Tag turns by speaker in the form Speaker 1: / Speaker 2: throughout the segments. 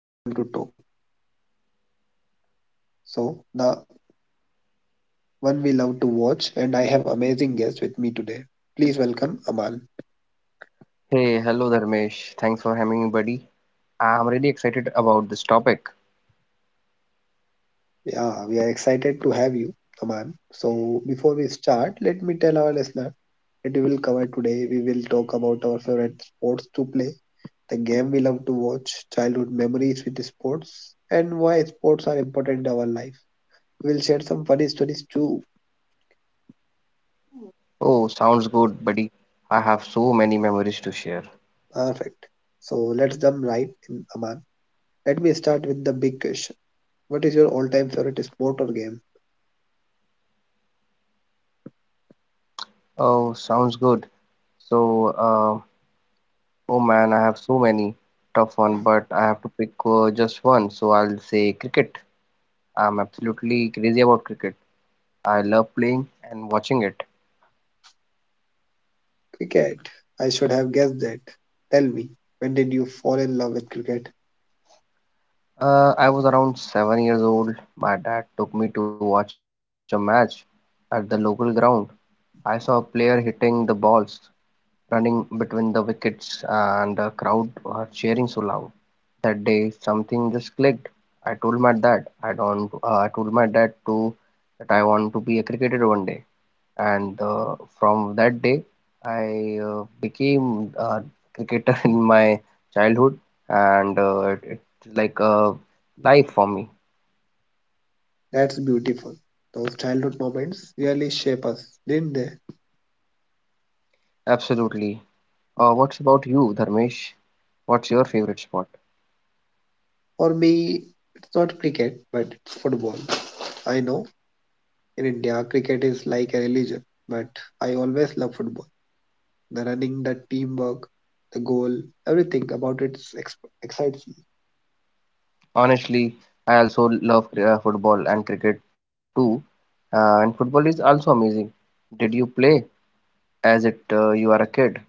Speaker 1: really want to talk. So, the one we love to watch, and I have amazing guests with me today. Please welcome Aman.
Speaker 2: Hey, hello Dharmesh. Thanks for having me, buddy. I'm really excited about this topic.
Speaker 1: Yeah, we are excited to have you, Aman. So, before we start, let me tell our listener that we will cover today. We will talk about our favorite sports to play, the game we love to watch, childhood memories with sports, and why sports are important in our life. We'll share some funny stories too.
Speaker 2: Oh, sounds good, buddy. I have so many memories to share.
Speaker 1: Perfect. So let's jump right in, Aman. Let me start with the big question. What is your all-time favorite sport or game?
Speaker 2: Oh, sounds good. So, uh, oh man, I have so many. Tough one, but I have to pick just one. So I'll say cricket. I'm absolutely crazy about cricket. I love playing and watching it.
Speaker 1: Cricket. I should have guessed that. Tell me, when did you fall in love with cricket?
Speaker 2: I was around 7 years old. My dad took me to watch a match at the local ground. I saw a player hitting the balls running between the wickets and the crowd were cheering so loud. That day something just clicked. I told my dad I don't I told my dad to that I want to be a cricketer one day and from that day I became a cricketer in my childhood and it's like a life for me.
Speaker 1: That's beautiful. Those childhood moments really shape us, didn't they?
Speaker 2: Absolutely. What's about you, Dharmesh? What's your favorite sport?
Speaker 1: For me, it's not cricket, but it's football. I know. In India, cricket is like a religion, but I always love football. The running, the teamwork, the goal, everything about it excites me.
Speaker 2: Honestly, I also love football and cricket too. And football is also amazing. Did you play as it you are a kid?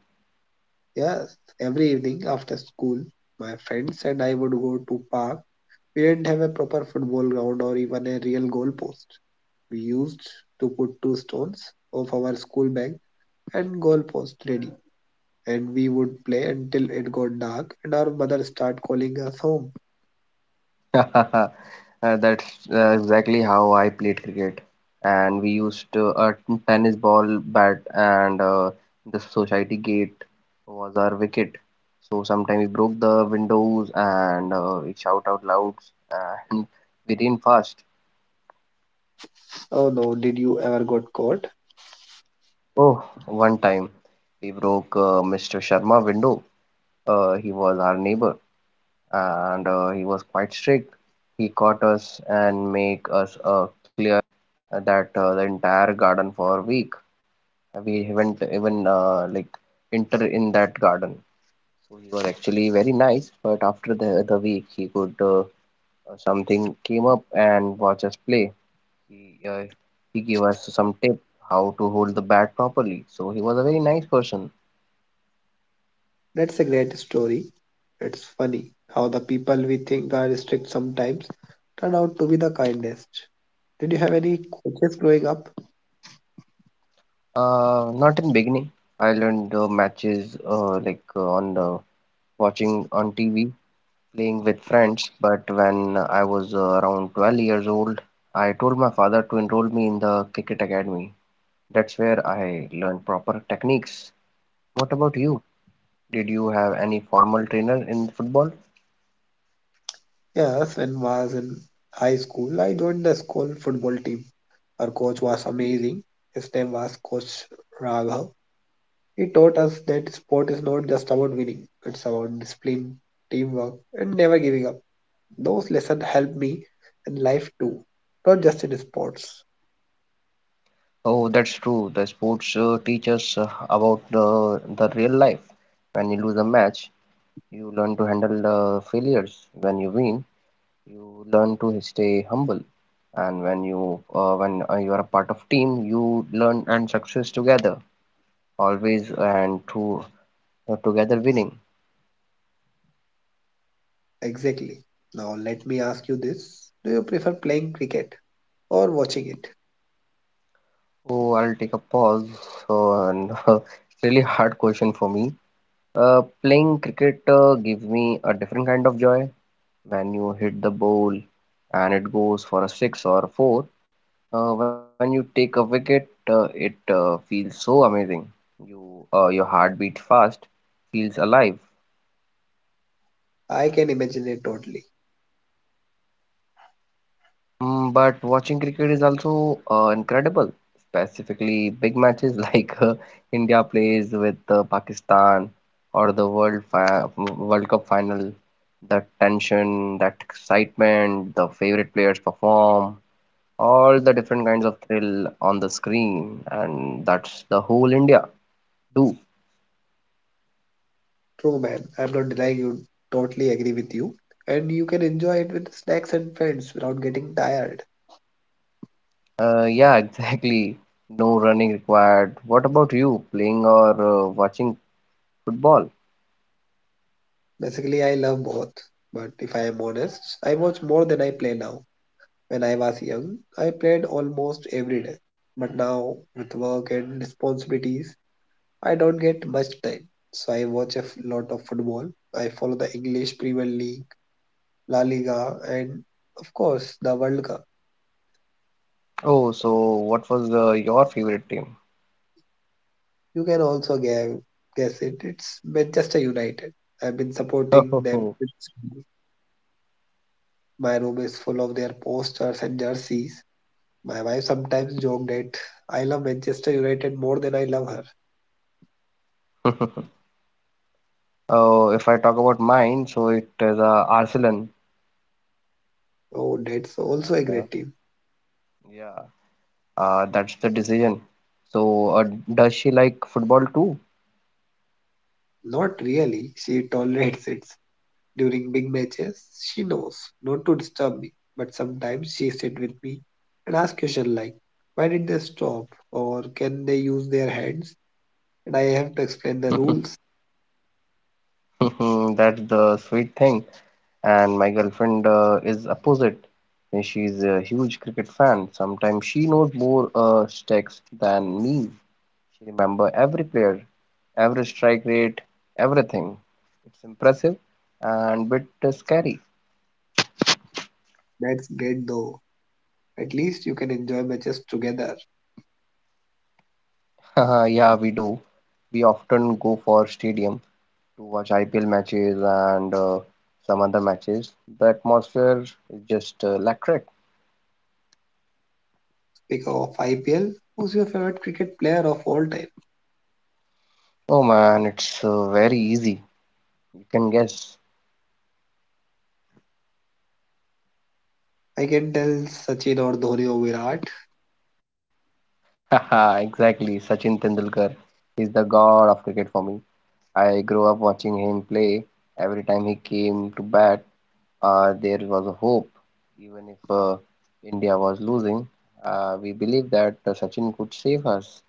Speaker 1: Yes, every evening after school, my friends and I would go to park. We didn't have a proper football ground or even a real goal post. We used to put two stones of our school bag and goal post ready. And we would play until it got dark and our mother start calling us home.
Speaker 2: That's exactly how I played cricket. And we used a tennis ball bat and the society gate was our wicket. So sometimes we broke the windows and we shout out loud and we ran fast.
Speaker 1: Oh no, did you ever got caught?
Speaker 2: Oh, one time we broke Mr. Sharma window. He was our neighbor, and he was quite strict. He caught us and make us clear that the entire garden for a week. We haven't even like enter in that garden. So he was actually very nice, but after the week, he could something came up and watch us play. He uh, he gave us some tip how to hold the bat properly. So he was a very nice person.
Speaker 1: That's a great story. It's funny how the people we think are strict sometimes turn out to be the kindest. Did you have any coaches growing up?
Speaker 2: Not in beginning. I learned matches like on the watching on TV, playing with friends. But when I was around 12 years old, I told my father to enroll me in the cricket academy. That's where I learned proper techniques. What about you? Did you have any formal trainer in football?
Speaker 1: Yes, when I was in high school, I joined the school football team. Our coach was amazing. His name was Coach Raghav. He taught us that sport is not just about winning, it's about discipline, teamwork, and never giving up. Those lessons helped me in life too, not just in sports.
Speaker 2: Oh, that's true. The sports teach us about the real life. When you lose a match, you learn to handle the failures. When you win, you learn to stay humble and when you are a part of team you learn and success together always and to together winning.
Speaker 1: Exactly. Now let me ask you this. Do you prefer playing cricket or watching it?
Speaker 2: Oh, I'll take a pause. So and it's really hard question for me. Playing cricket gives me a different kind of joy. When you hit the ball and it goes for a six or a four, when you take a wicket, it feels so amazing. Your heart beat fast, feels alive.
Speaker 1: I can imagine it totally.
Speaker 2: Mm, but watching cricket is also incredible, specifically big matches India plays with Pakistan or the World Cup final. The tension, that excitement, the favorite players perform, all the different kinds of thrill on the screen, and that's the whole India do.
Speaker 1: True, man, I'm not denying you, totally agree with you. And you can enjoy it with snacks and friends without getting tired.
Speaker 2: Yeah, exactly. No running required. What about you, playing or watching football?
Speaker 1: Basically I love both. But if I am honest, I watch more than I play now. When I was young, I played almost every day. But now with work and responsibilities, I don't get much time. So I watch a lot of football. I follow the English Premier League, La Liga, and of course the World Cup.
Speaker 2: Oh, so what was your favorite team?
Speaker 1: You can also guess, guess it. It's Manchester United. I've been supporting them since. My room is full of their posters and jerseys. My wife sometimes joked that I love Manchester United more than I love her.
Speaker 2: Oh, if I talk about mine, so it is Arsenal.
Speaker 1: Oh, that's also a
Speaker 2: And
Speaker 1: great team.
Speaker 2: yeah, that's the decision. So, does she like football too?
Speaker 1: Not really. She tolerates it. During big matches, she knows not to disturb me, but sometimes she sits with me and asks questions like, why did they stop? Or can they use their hands? And I have to explain the rules.
Speaker 2: That's the sweet thing. And my girlfriend is opposite. And she's a huge cricket fan. Sometimes she knows more sticks than me. She remember every player, every strike rate, everything. It's impressive and bit scary.
Speaker 1: That's great though. At least you can enjoy matches together.
Speaker 2: Yeah, we do. We often go for stadium to watch IPL matches and some other matches. The atmosphere is just electric.
Speaker 1: Speaking of IPL, who's your favorite cricket player of all time?
Speaker 2: Oh man, it's very easy. You can guess.
Speaker 1: I can tell Sachin or Dhoni or Virat.
Speaker 2: Haha, exactly. Sachin Tendulkar is the god of cricket for me. I grew up watching him play. Every time he came to bat, there was a hope, even if India was losing. We believed that Sachin could save us.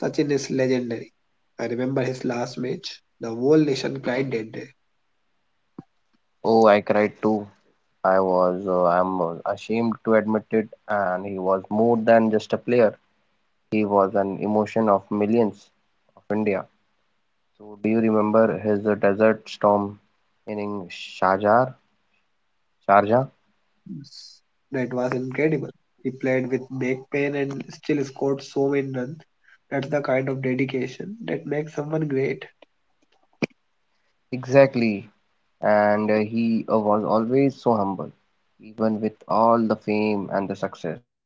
Speaker 1: Sachin is legendary. I remember his last match. The whole nation cried that day.
Speaker 2: Oh, I cried too. I'm ashamed to admit it, and he was more than just a player. He was an emotion of millions of India. So, do you remember his Desert Storm inning Sharjah? Sharjah?
Speaker 1: That was incredible. He played with back pain and still scored so many runs. That's the kind of dedication that makes someone great.
Speaker 2: Exactly. And he was always so humble. Even with all the fame and the success,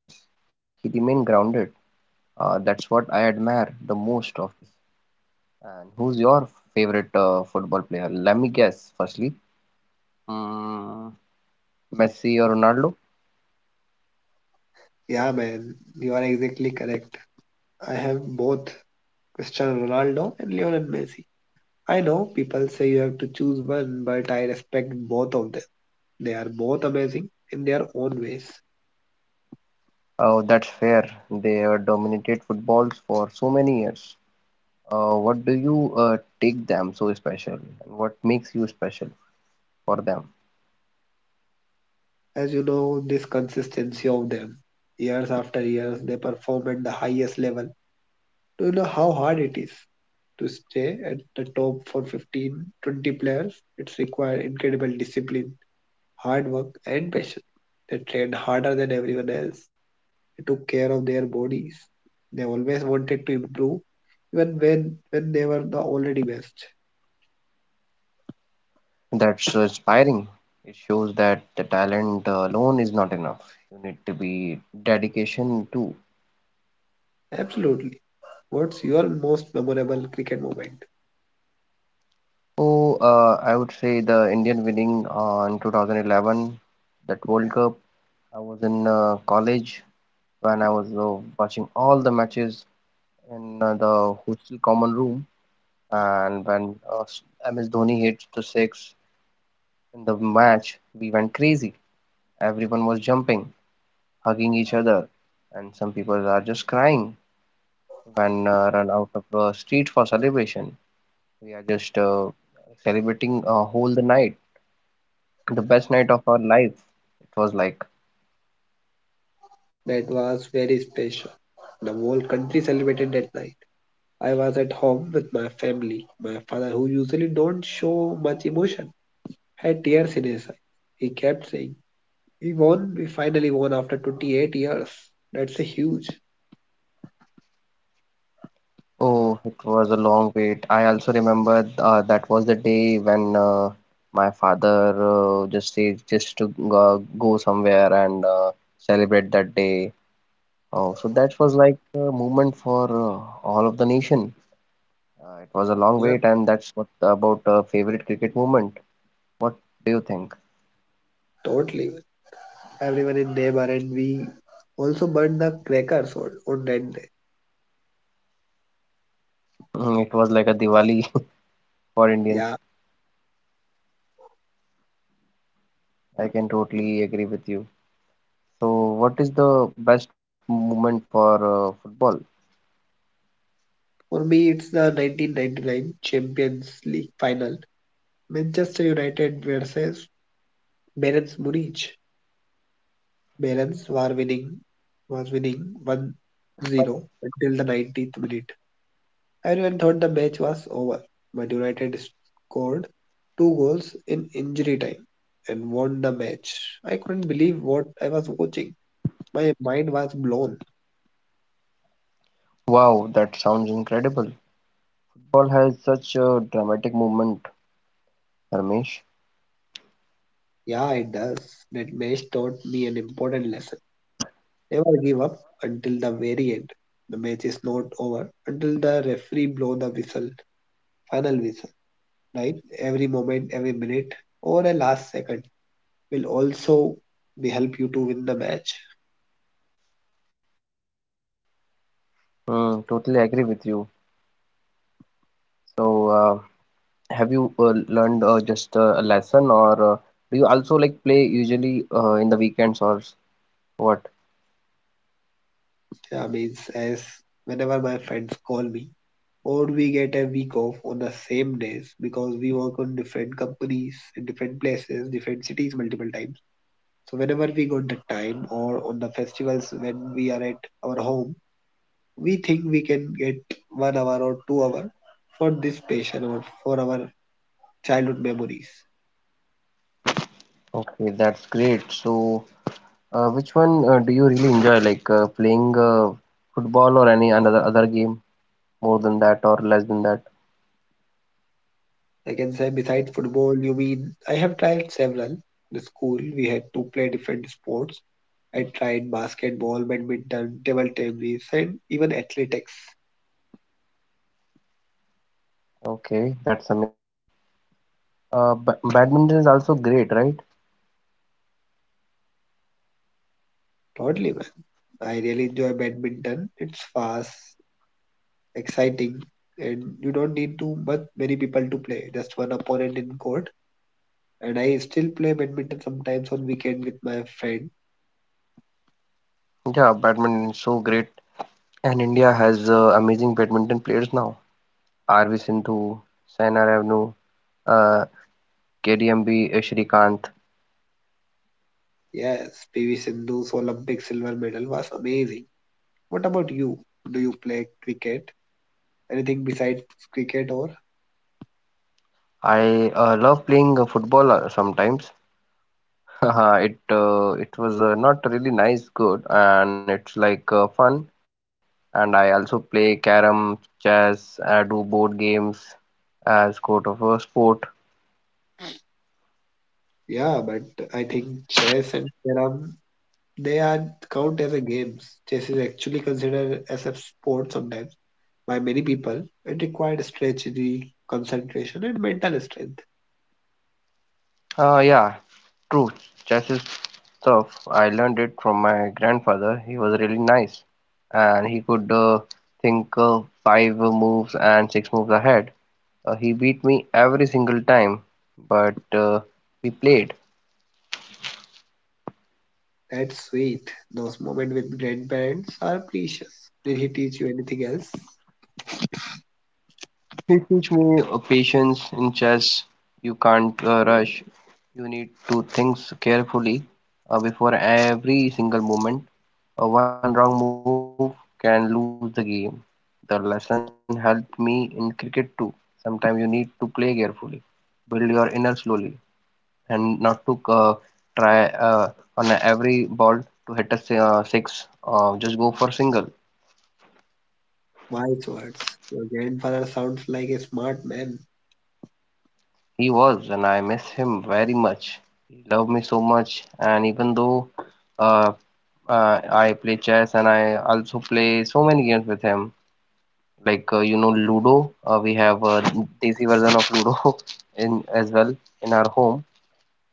Speaker 2: he remained grounded. That's what I admire the most of him. And who's your favorite football player? Let me guess, firstly. Mm, Messi or Ronaldo?
Speaker 1: Yeah, man, you are exactly correct. I have both Cristiano Ronaldo and Lionel Messi. I know people say you have to choose one, but I respect both of them. They are both amazing in their own ways.
Speaker 2: Oh, that's fair. They dominated footballs for so many years. What do you take them so special? And what makes you special for them?
Speaker 1: As you know, this consistency of them, years after years, they perform at the highest level. Do you know how hard it is to stay at the top for 15, to 20 players? It's required incredible discipline, hard work, and passion. They trained harder than everyone else. They took care of their bodies. They always wanted to improve, even when they were the already best.
Speaker 2: That's so inspiring. It shows that the talent alone is not enough. You need to be dedication too.
Speaker 1: Absolutely. What's your most memorable cricket moment?
Speaker 2: So, I would say the Indian winning in 2011, that World Cup. I was in college when I was watching all the matches in the hostel common room, and when MS Dhoni hit the six in the match, we went crazy. Everyone was jumping, hugging each other, and some people are just crying and run out of the street for celebration. We are just celebrating a whole the night, the best night of our life. It was like,
Speaker 1: That was very special. The whole country celebrated that night. I was at home with my family. My father, who usually don't show much emotion, had tears in his eyes. He kept saying, "We won. We finally won after 28 years. That's a huge."
Speaker 2: oh, it was a long wait. I also remember that was the day when my father just said just to go, go somewhere and celebrate that day. Oh, so that was like a moment for all of the nation. It was a long
Speaker 1: Yeah,
Speaker 2: wait, and that's what about favorite cricket moment. What do you think?
Speaker 1: totally. Everyone in neighbor and we also burned the crackers on that day.
Speaker 2: Mm, it was like a Diwali for Indians.
Speaker 1: Yeah.
Speaker 2: I can totally agree with you. So, what is the best moment for football?
Speaker 1: For me, it's the 1999 Champions League final. Manchester United versus Bayern Munich. Bayern were winning was winning 1-0 until the 90th minute. Everyone thought the match was over, but United scored two goals in injury time and won the match. I couldn't believe what I was watching. My mind was blown.
Speaker 2: Wow, that sounds incredible. Football has such a dramatic movement, Ramesh.
Speaker 1: Yeah, it does. That match taught me an important lesson. Never give up until the very end. The match is not over until the referee blows the whistle, final whistle, right? Every moment, every minute, or a last second will also be help you to win the match.
Speaker 2: Mm, totally agree with you. So, uh, have you learned just a lesson, or do you also like play usually in the weekends what?
Speaker 1: Yeah, means as whenever my friends call me, or we get a week off on the same days because we work on different companies in different places, different cities multiple times. So whenever we got the time or on the festivals when we are at our home, we think we can get 1 hour or 2 hour for this passion or for our childhood memories.
Speaker 2: Okay, that's great. So, which one do you really enjoy, like playing football or any another other game? More than that or less than that.
Speaker 1: I can say besides football, you mean I have tried several. In school, we had to play different sports. I tried basketball, badminton, table tennis, and even athletics.
Speaker 2: Okay, that's amazing. Badminton is also great, right?
Speaker 1: Totally, man. I really enjoy badminton. It's fast, exciting, and you don't need too much many people to play. Just one opponent in court. And I still play badminton sometimes on weekend with my friend.
Speaker 2: Yeah, badminton is so great. And India has amazing badminton players now. RV Sindhu, Saina Revnu, uh, KDMB Shrikant.
Speaker 1: Yes, PV Sindhu's Olympic silver medal was amazing. What about you? Do you play cricket? Anything besides cricket or?
Speaker 2: I love playing football sometimes. It was not really nice, good, and it's like fun. And I also play carom, chess. I do board games as sort of a sport.
Speaker 1: Yeah, but I think chess and carrom, they are count as a games. Chess is actually considered as a sport sometimes by many people. It required strategy, concentration, and mental strength.
Speaker 2: Uh, yeah, True, chess is tough. I learned it from my grandfather. He was really nice, and he could think five moves and six moves ahead. He beat me every single time, but we played.
Speaker 1: That's sweet. Those moments with grandparents are precious. Did he teach you anything else?
Speaker 2: He teach me patience in chess. You can't rush. You need to think carefully before every single movement. One wrong move can lose the game. The lesson helped me in cricket too. Sometimes you need to play carefully, build your inner slowly, and not to try on every ball to hit a six. Just go for single.
Speaker 1: Wise words. Your grandfather sounds like a smart man.
Speaker 2: He was, and I miss him very much. He loved me so much, and even though uh, I play chess and I also play so many games with him, like you know Ludo. We have a Desi version of Ludo in as well in our home.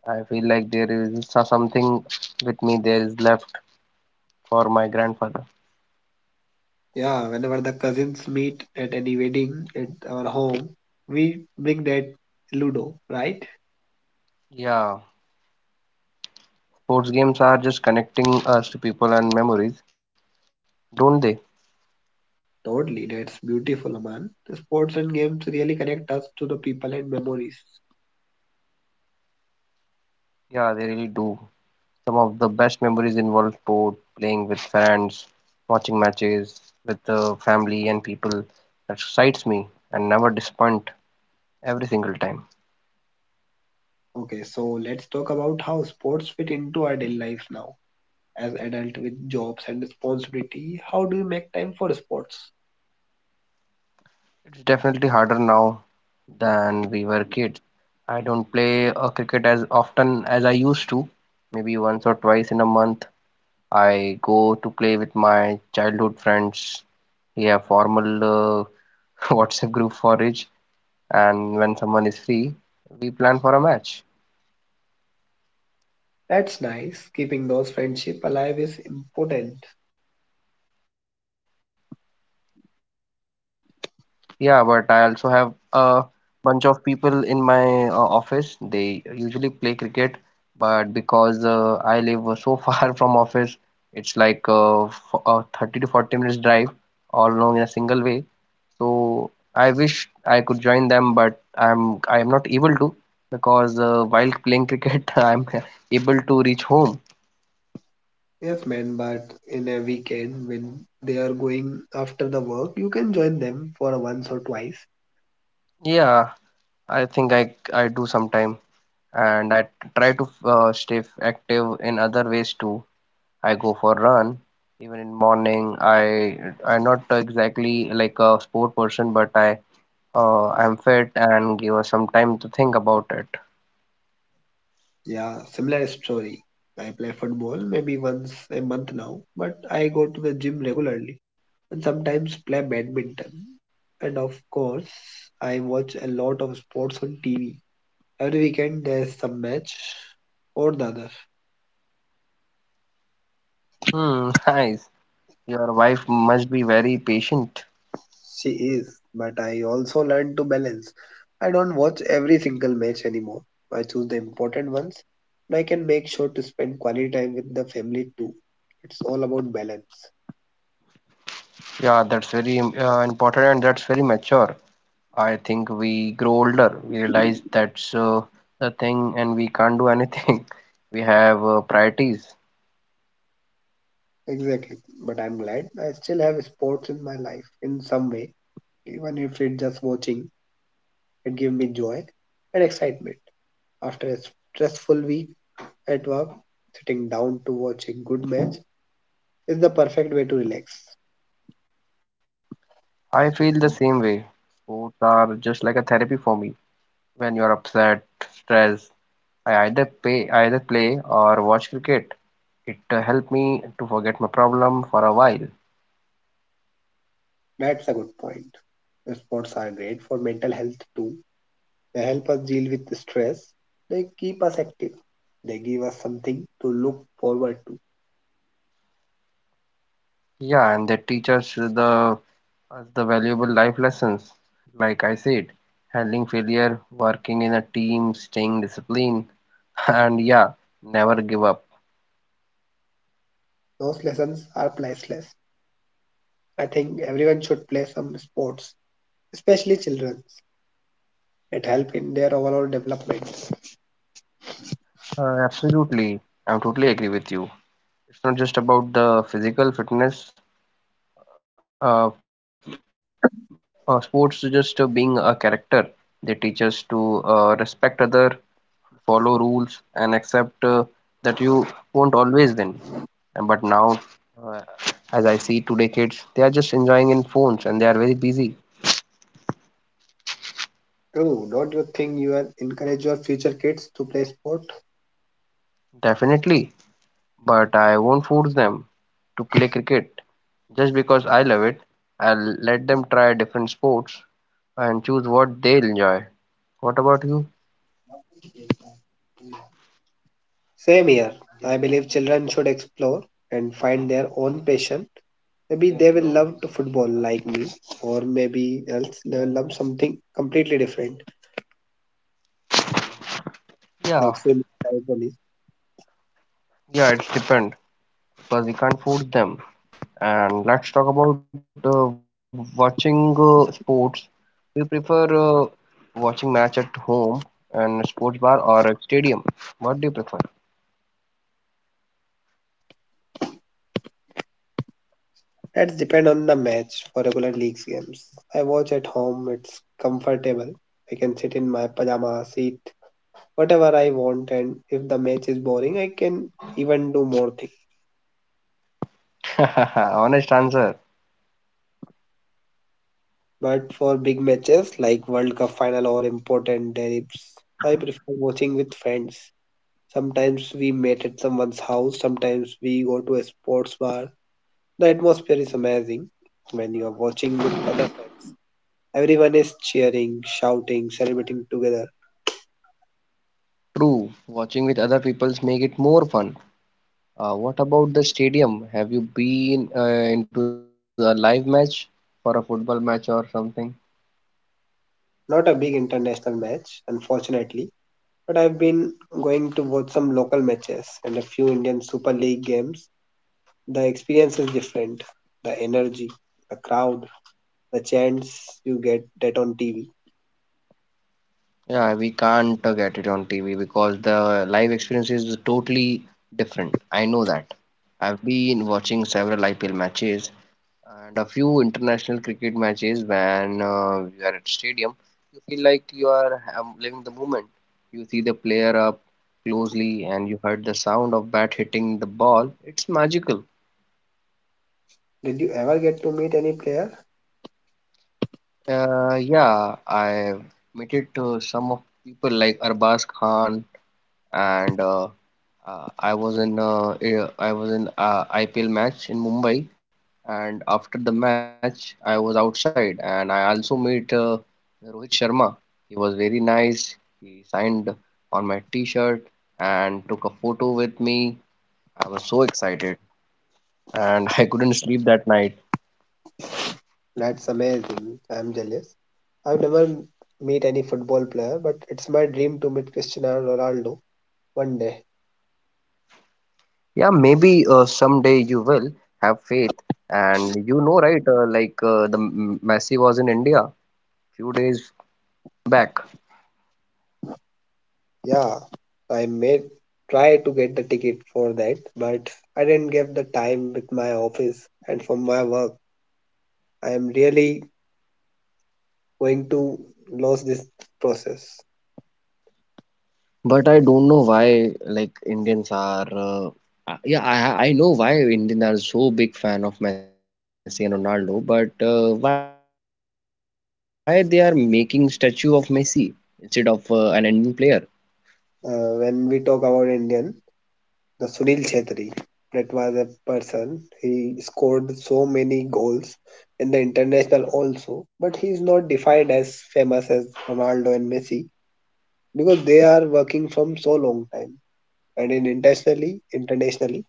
Speaker 2: I feel like there is something with me there is left for my grandfather.
Speaker 1: Yeah, whenever the cousins meet at any wedding at our home, we bring that Ludo, right?
Speaker 2: Yeah, sports games are just connecting us to people and memories, don't they?
Speaker 1: Totally, that's beautiful, man. The sports and games really connect us to the people and memories.
Speaker 2: Yeah, they really do. Some of the best memories involve sport, playing with friends, watching matches with the family and people that excites me and never disappoint every single time.
Speaker 1: Okay, so let's talk about how sports fit into our daily lives now. As adult with jobs and responsibility, how do you make time for sports?
Speaker 2: It's definitely harder now than we were kids. I don't play a cricket as often as I used to. Maybe once or twice in a month, I go to play with my childhood friends. We have formal WhatsApp group for each, and when someone is free, we plan for a match.
Speaker 1: That's nice. Keeping those friendship alive is important.
Speaker 2: Yeah, but I also have a bunch of people in my office. They usually play cricket, but because I live so far from office, it's like f 30 to 40 minutes drive all along in a single way. So I wish I could join them, but I am not able to because while playing cricket, I'm able to reach home.
Speaker 1: Yes, man, but in a weekend when they are going after the work, you can join them for once or twice.
Speaker 2: Yeah, I think I do sometime. And I try to stay active in other ways too. I go for run even in morning. I'm not exactly like a sport person, but I'm fit and give us some time to think about it.
Speaker 1: Yeah, similar story. I play football maybe once a month now, but I go to the gym regularly and sometimes play badminton. And of course, I watch a lot of sports on TV. Every weekend there's some match or the other.
Speaker 2: Hmm, nice. Your wife must be very patient.
Speaker 1: She is, but I also learn to balance. I don't watch every single match anymore. I choose the important ones, and I can make sure to spend quality time with the family too. It's all about balance.
Speaker 2: Yeah, that's very important, and that's very mature. I think we grow older, we realize that's the thing and we can't do anything. We have priorities.
Speaker 1: Exactly. But I'm glad I still have sports in my life in some way, even if it's just watching. It gives me joy and excitement. After a stressful week at work, sitting down to watch a good match is the perfect way to relax.
Speaker 2: I feel the same way. Sports are just like a therapy for me. When you are upset, stressed, I either play or watch cricket. It helped me to forget my problem for a while.
Speaker 1: That's a good point. Sports are great for mental health too. They help us deal with the stress. They keep us active. They give us something to look forward to.
Speaker 2: Yeah, and they teach us the valuable life lessons. Like I said, handling failure, working in a team, staying disciplined, and yeah, never give up.
Speaker 1: Those lessons are priceless. I think everyone should play some sports, especially children. It helps in their overall development.
Speaker 2: Absolutely, I'm totally agree with you. It's not just about the physical fitness. Uh, Sports is just being a character. They teach us to respect other, follow rules, and accept that you won't always win. And but now, uh, as I see today, kids they are just enjoying in phones and they are very busy.
Speaker 1: True, don't you think you will encourage your future kids to play sport?
Speaker 2: Definitely, but I won't force them to play cricket just because I love it. I'll let them try different sports and choose what they'll enjoy. What about you?
Speaker 1: Same here. I believe children should explore and find their own passion. Maybe they will love to football like me, or maybe else they will love something completely different,
Speaker 2: Yeah,
Speaker 1: like swimming or tennis.
Speaker 2: yeah, it's depend, because we can't force them. And let's talk about watching sports. We prefer watching match at home and sports bar or a stadium. What do you prefer?
Speaker 1: That depend on the match for regular leagues games. I watch at home. It's comfortable. I can sit in my pajama seat whatever I want, and if the match is boring, I can even do more things.
Speaker 2: Honest answer.
Speaker 1: But for big matches like World Cup final or important derbys, I prefer watching with friends. Sometimes we meet at someone's house, sometimes we go to a sports bar. The atmosphere is amazing when you are watching with other friends. Everyone is cheering, shouting, celebrating together.
Speaker 2: True. Watching with other peoples make it more fun. What about the stadium? Have you been into a live match for a football match or something?
Speaker 1: Not a big international match, unfortunately, but I've been going to watch some local matches and a few Indian Super League games. The experience is different. The energy, the crowd, the chants you get that on TV.
Speaker 2: Yeah, we can't get it on TV because the live experience is totally different. I know that. I've been watching several IPL matches and a few international cricket matches when you are at stadium. You feel like you are living the moment. You see the player up closely and you heard the sound of bat hitting the ball. It's magical.
Speaker 1: Did you ever get to meet any player?
Speaker 2: Yeah, I met it to some of people like Arbaz Khan and I was in IPL match in Mumbai, and after the match, I was outside and I also met Rohit Sharma. He was very nice. He signed on my T-shirt and took a photo with me. I was so excited, and I couldn't sleep that night.
Speaker 1: That's amazing. I'm jealous. I've never meet any football player, but it's my dream to meet Cristiano Ronaldo one day.
Speaker 2: Yeah, maybe someday you will have faith, and you know, right? Like the Messi was in India few days back.
Speaker 1: Yeah, I may try to get the ticket for that, but I didn't get the time with my office and from my work. I am really going to lose this process.
Speaker 2: But I don't know why like Indians are yeah I know why Indians are so big fan of Messi and Ronaldo, but why they are making statue of Messi instead of an Indian player?
Speaker 1: When we talk about Indian, the Sunil Chhetri. That was a person. He scored so many goals in the international also, but he is not defined as famous as Ronaldo and Messi because they are working from so long time. And in internationally,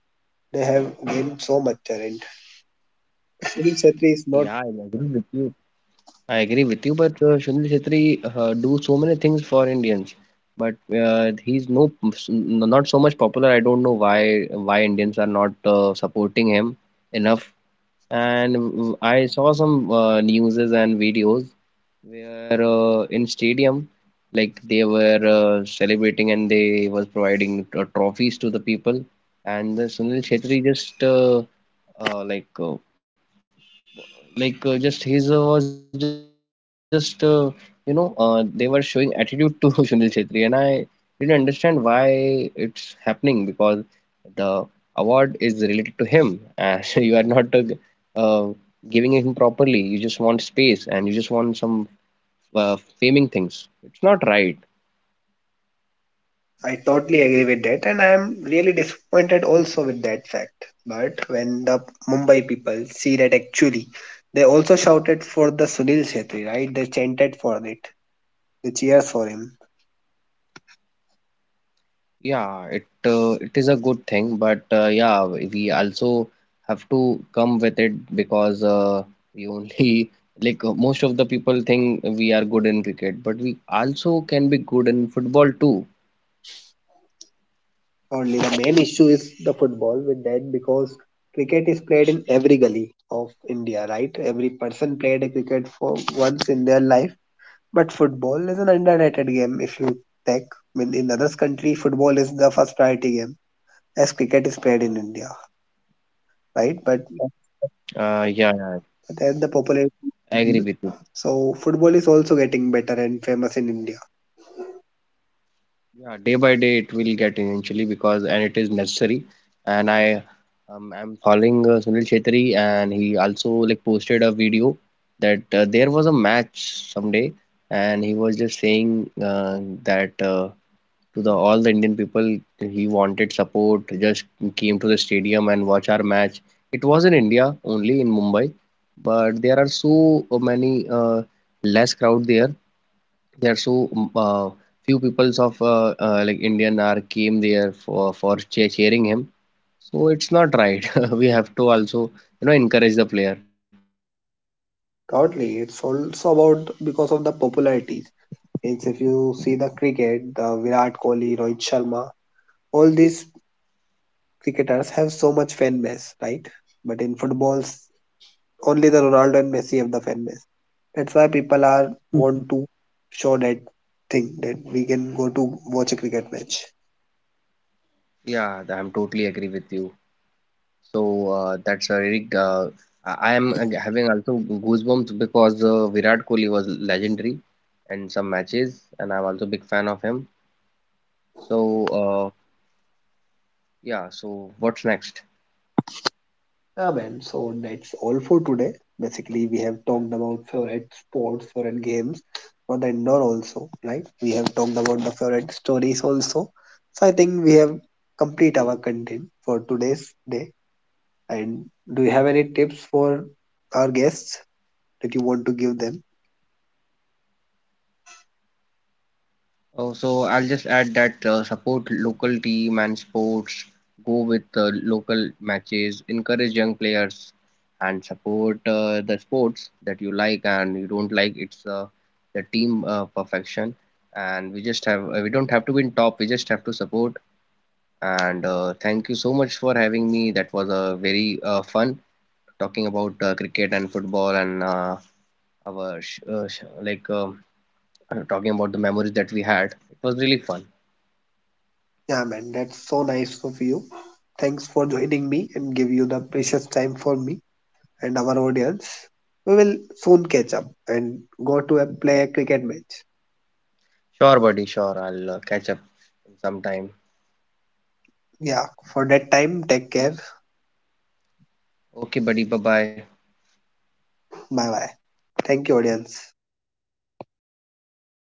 Speaker 1: they have gained so much talent. Sunil Chhetri is
Speaker 2: Yeah,
Speaker 1: not.
Speaker 2: I agree with you. I agree with you, but Sunil Chhetri do so many things for Indians, but he's not so much popular. I don't know why Indians are not supporting him enough. And I saw some newses and videos where in stadium like they were celebrating and they was providing trophies to the people, and Sunil Chhetri just uh, like uh, just his was just they were showing attitude to Sunil Chhetri, and I didn't understand why it's happening because the award is related to him, and you are not uh, giving him properly. You just want space and you just want some uh, faming things. It's not right.
Speaker 1: I totally agree with that, and I am really disappointed also with that fact. But when the Mumbai people see that actually, they also shouted for the Sunil Chhetri, right? They chanted for it. They cheers for him.
Speaker 2: Yeah, it it is a good thing, but yeah, we also have to come with it because we only like most of the people think we are good in cricket, but we also can be good in football too.
Speaker 1: Only the main issue is the football with that because cricket is played in every gully of India, right? Every person played a cricket for once in their life. But football is an underrated game if you take. I mean, in others country, football is the first priority game as cricket is played in India, right?
Speaker 2: Yeah, yeah.
Speaker 1: But as the
Speaker 2: I agree
Speaker 1: population,
Speaker 2: with you.
Speaker 1: so football is also getting better and famous in India.
Speaker 2: Yeah, day by day it will get eventually because and it is necessary. And I'm following Sunil Chhetri, and he also like posted a video that there was a match someday and he was just saying that to the all the Indian people he wanted support just came to the stadium and watch our match. It was in India only in Mumbai, but there are so many less crowd there, there are so few peoples of like Indian are came there for cheering him. So it's not right. We have to also you know encourage the player.
Speaker 1: Totally, it's also about because of the popularity. Means if you see the cricket, the Virat Kohli, Rohit Sharma, all these cricketers have so much fan base, right? But in footballs, only the Ronaldo and Messi have the fan base. That's why people are want to show that thing that we can go to watch a cricket match.
Speaker 2: Yeah, I'm totally agree with you. So that's a really I am having also goosebumps because Virat Kohli was legendary in some matches, and I'm also big fan of him. So uh, yeah, so what's next?
Speaker 1: Yeah, man. So that's all for today. Basically, we have talked about favorite sports, favorite games for the indoor also, right? We have talked about the favorite stories also. So I think we have complete our content for today's day. And do you have any tips for our guests that you want to give them?
Speaker 2: Oh, so I'll just add that support local team and sports, go with local matches, encourage young players, and support the sports that you like and you don't like. It's the team perfection, and we don't have to win top. We just have to support. And thank you so much for having me. That was a very fun talking about cricket and football, and our sh sh like talking about the memories that we had. It was really fun.
Speaker 1: Yeah, man. That's so nice of you. Thanks for joining me and give you the precious time for me and our audience. We will soon catch up and go to a play a cricket match.
Speaker 2: Sure, buddy. Sure. I'll catch up in some time.
Speaker 1: Yeah, for that time, take care.
Speaker 2: Okay, buddy. Bye bye.
Speaker 1: Bye bye. Thank you, audience.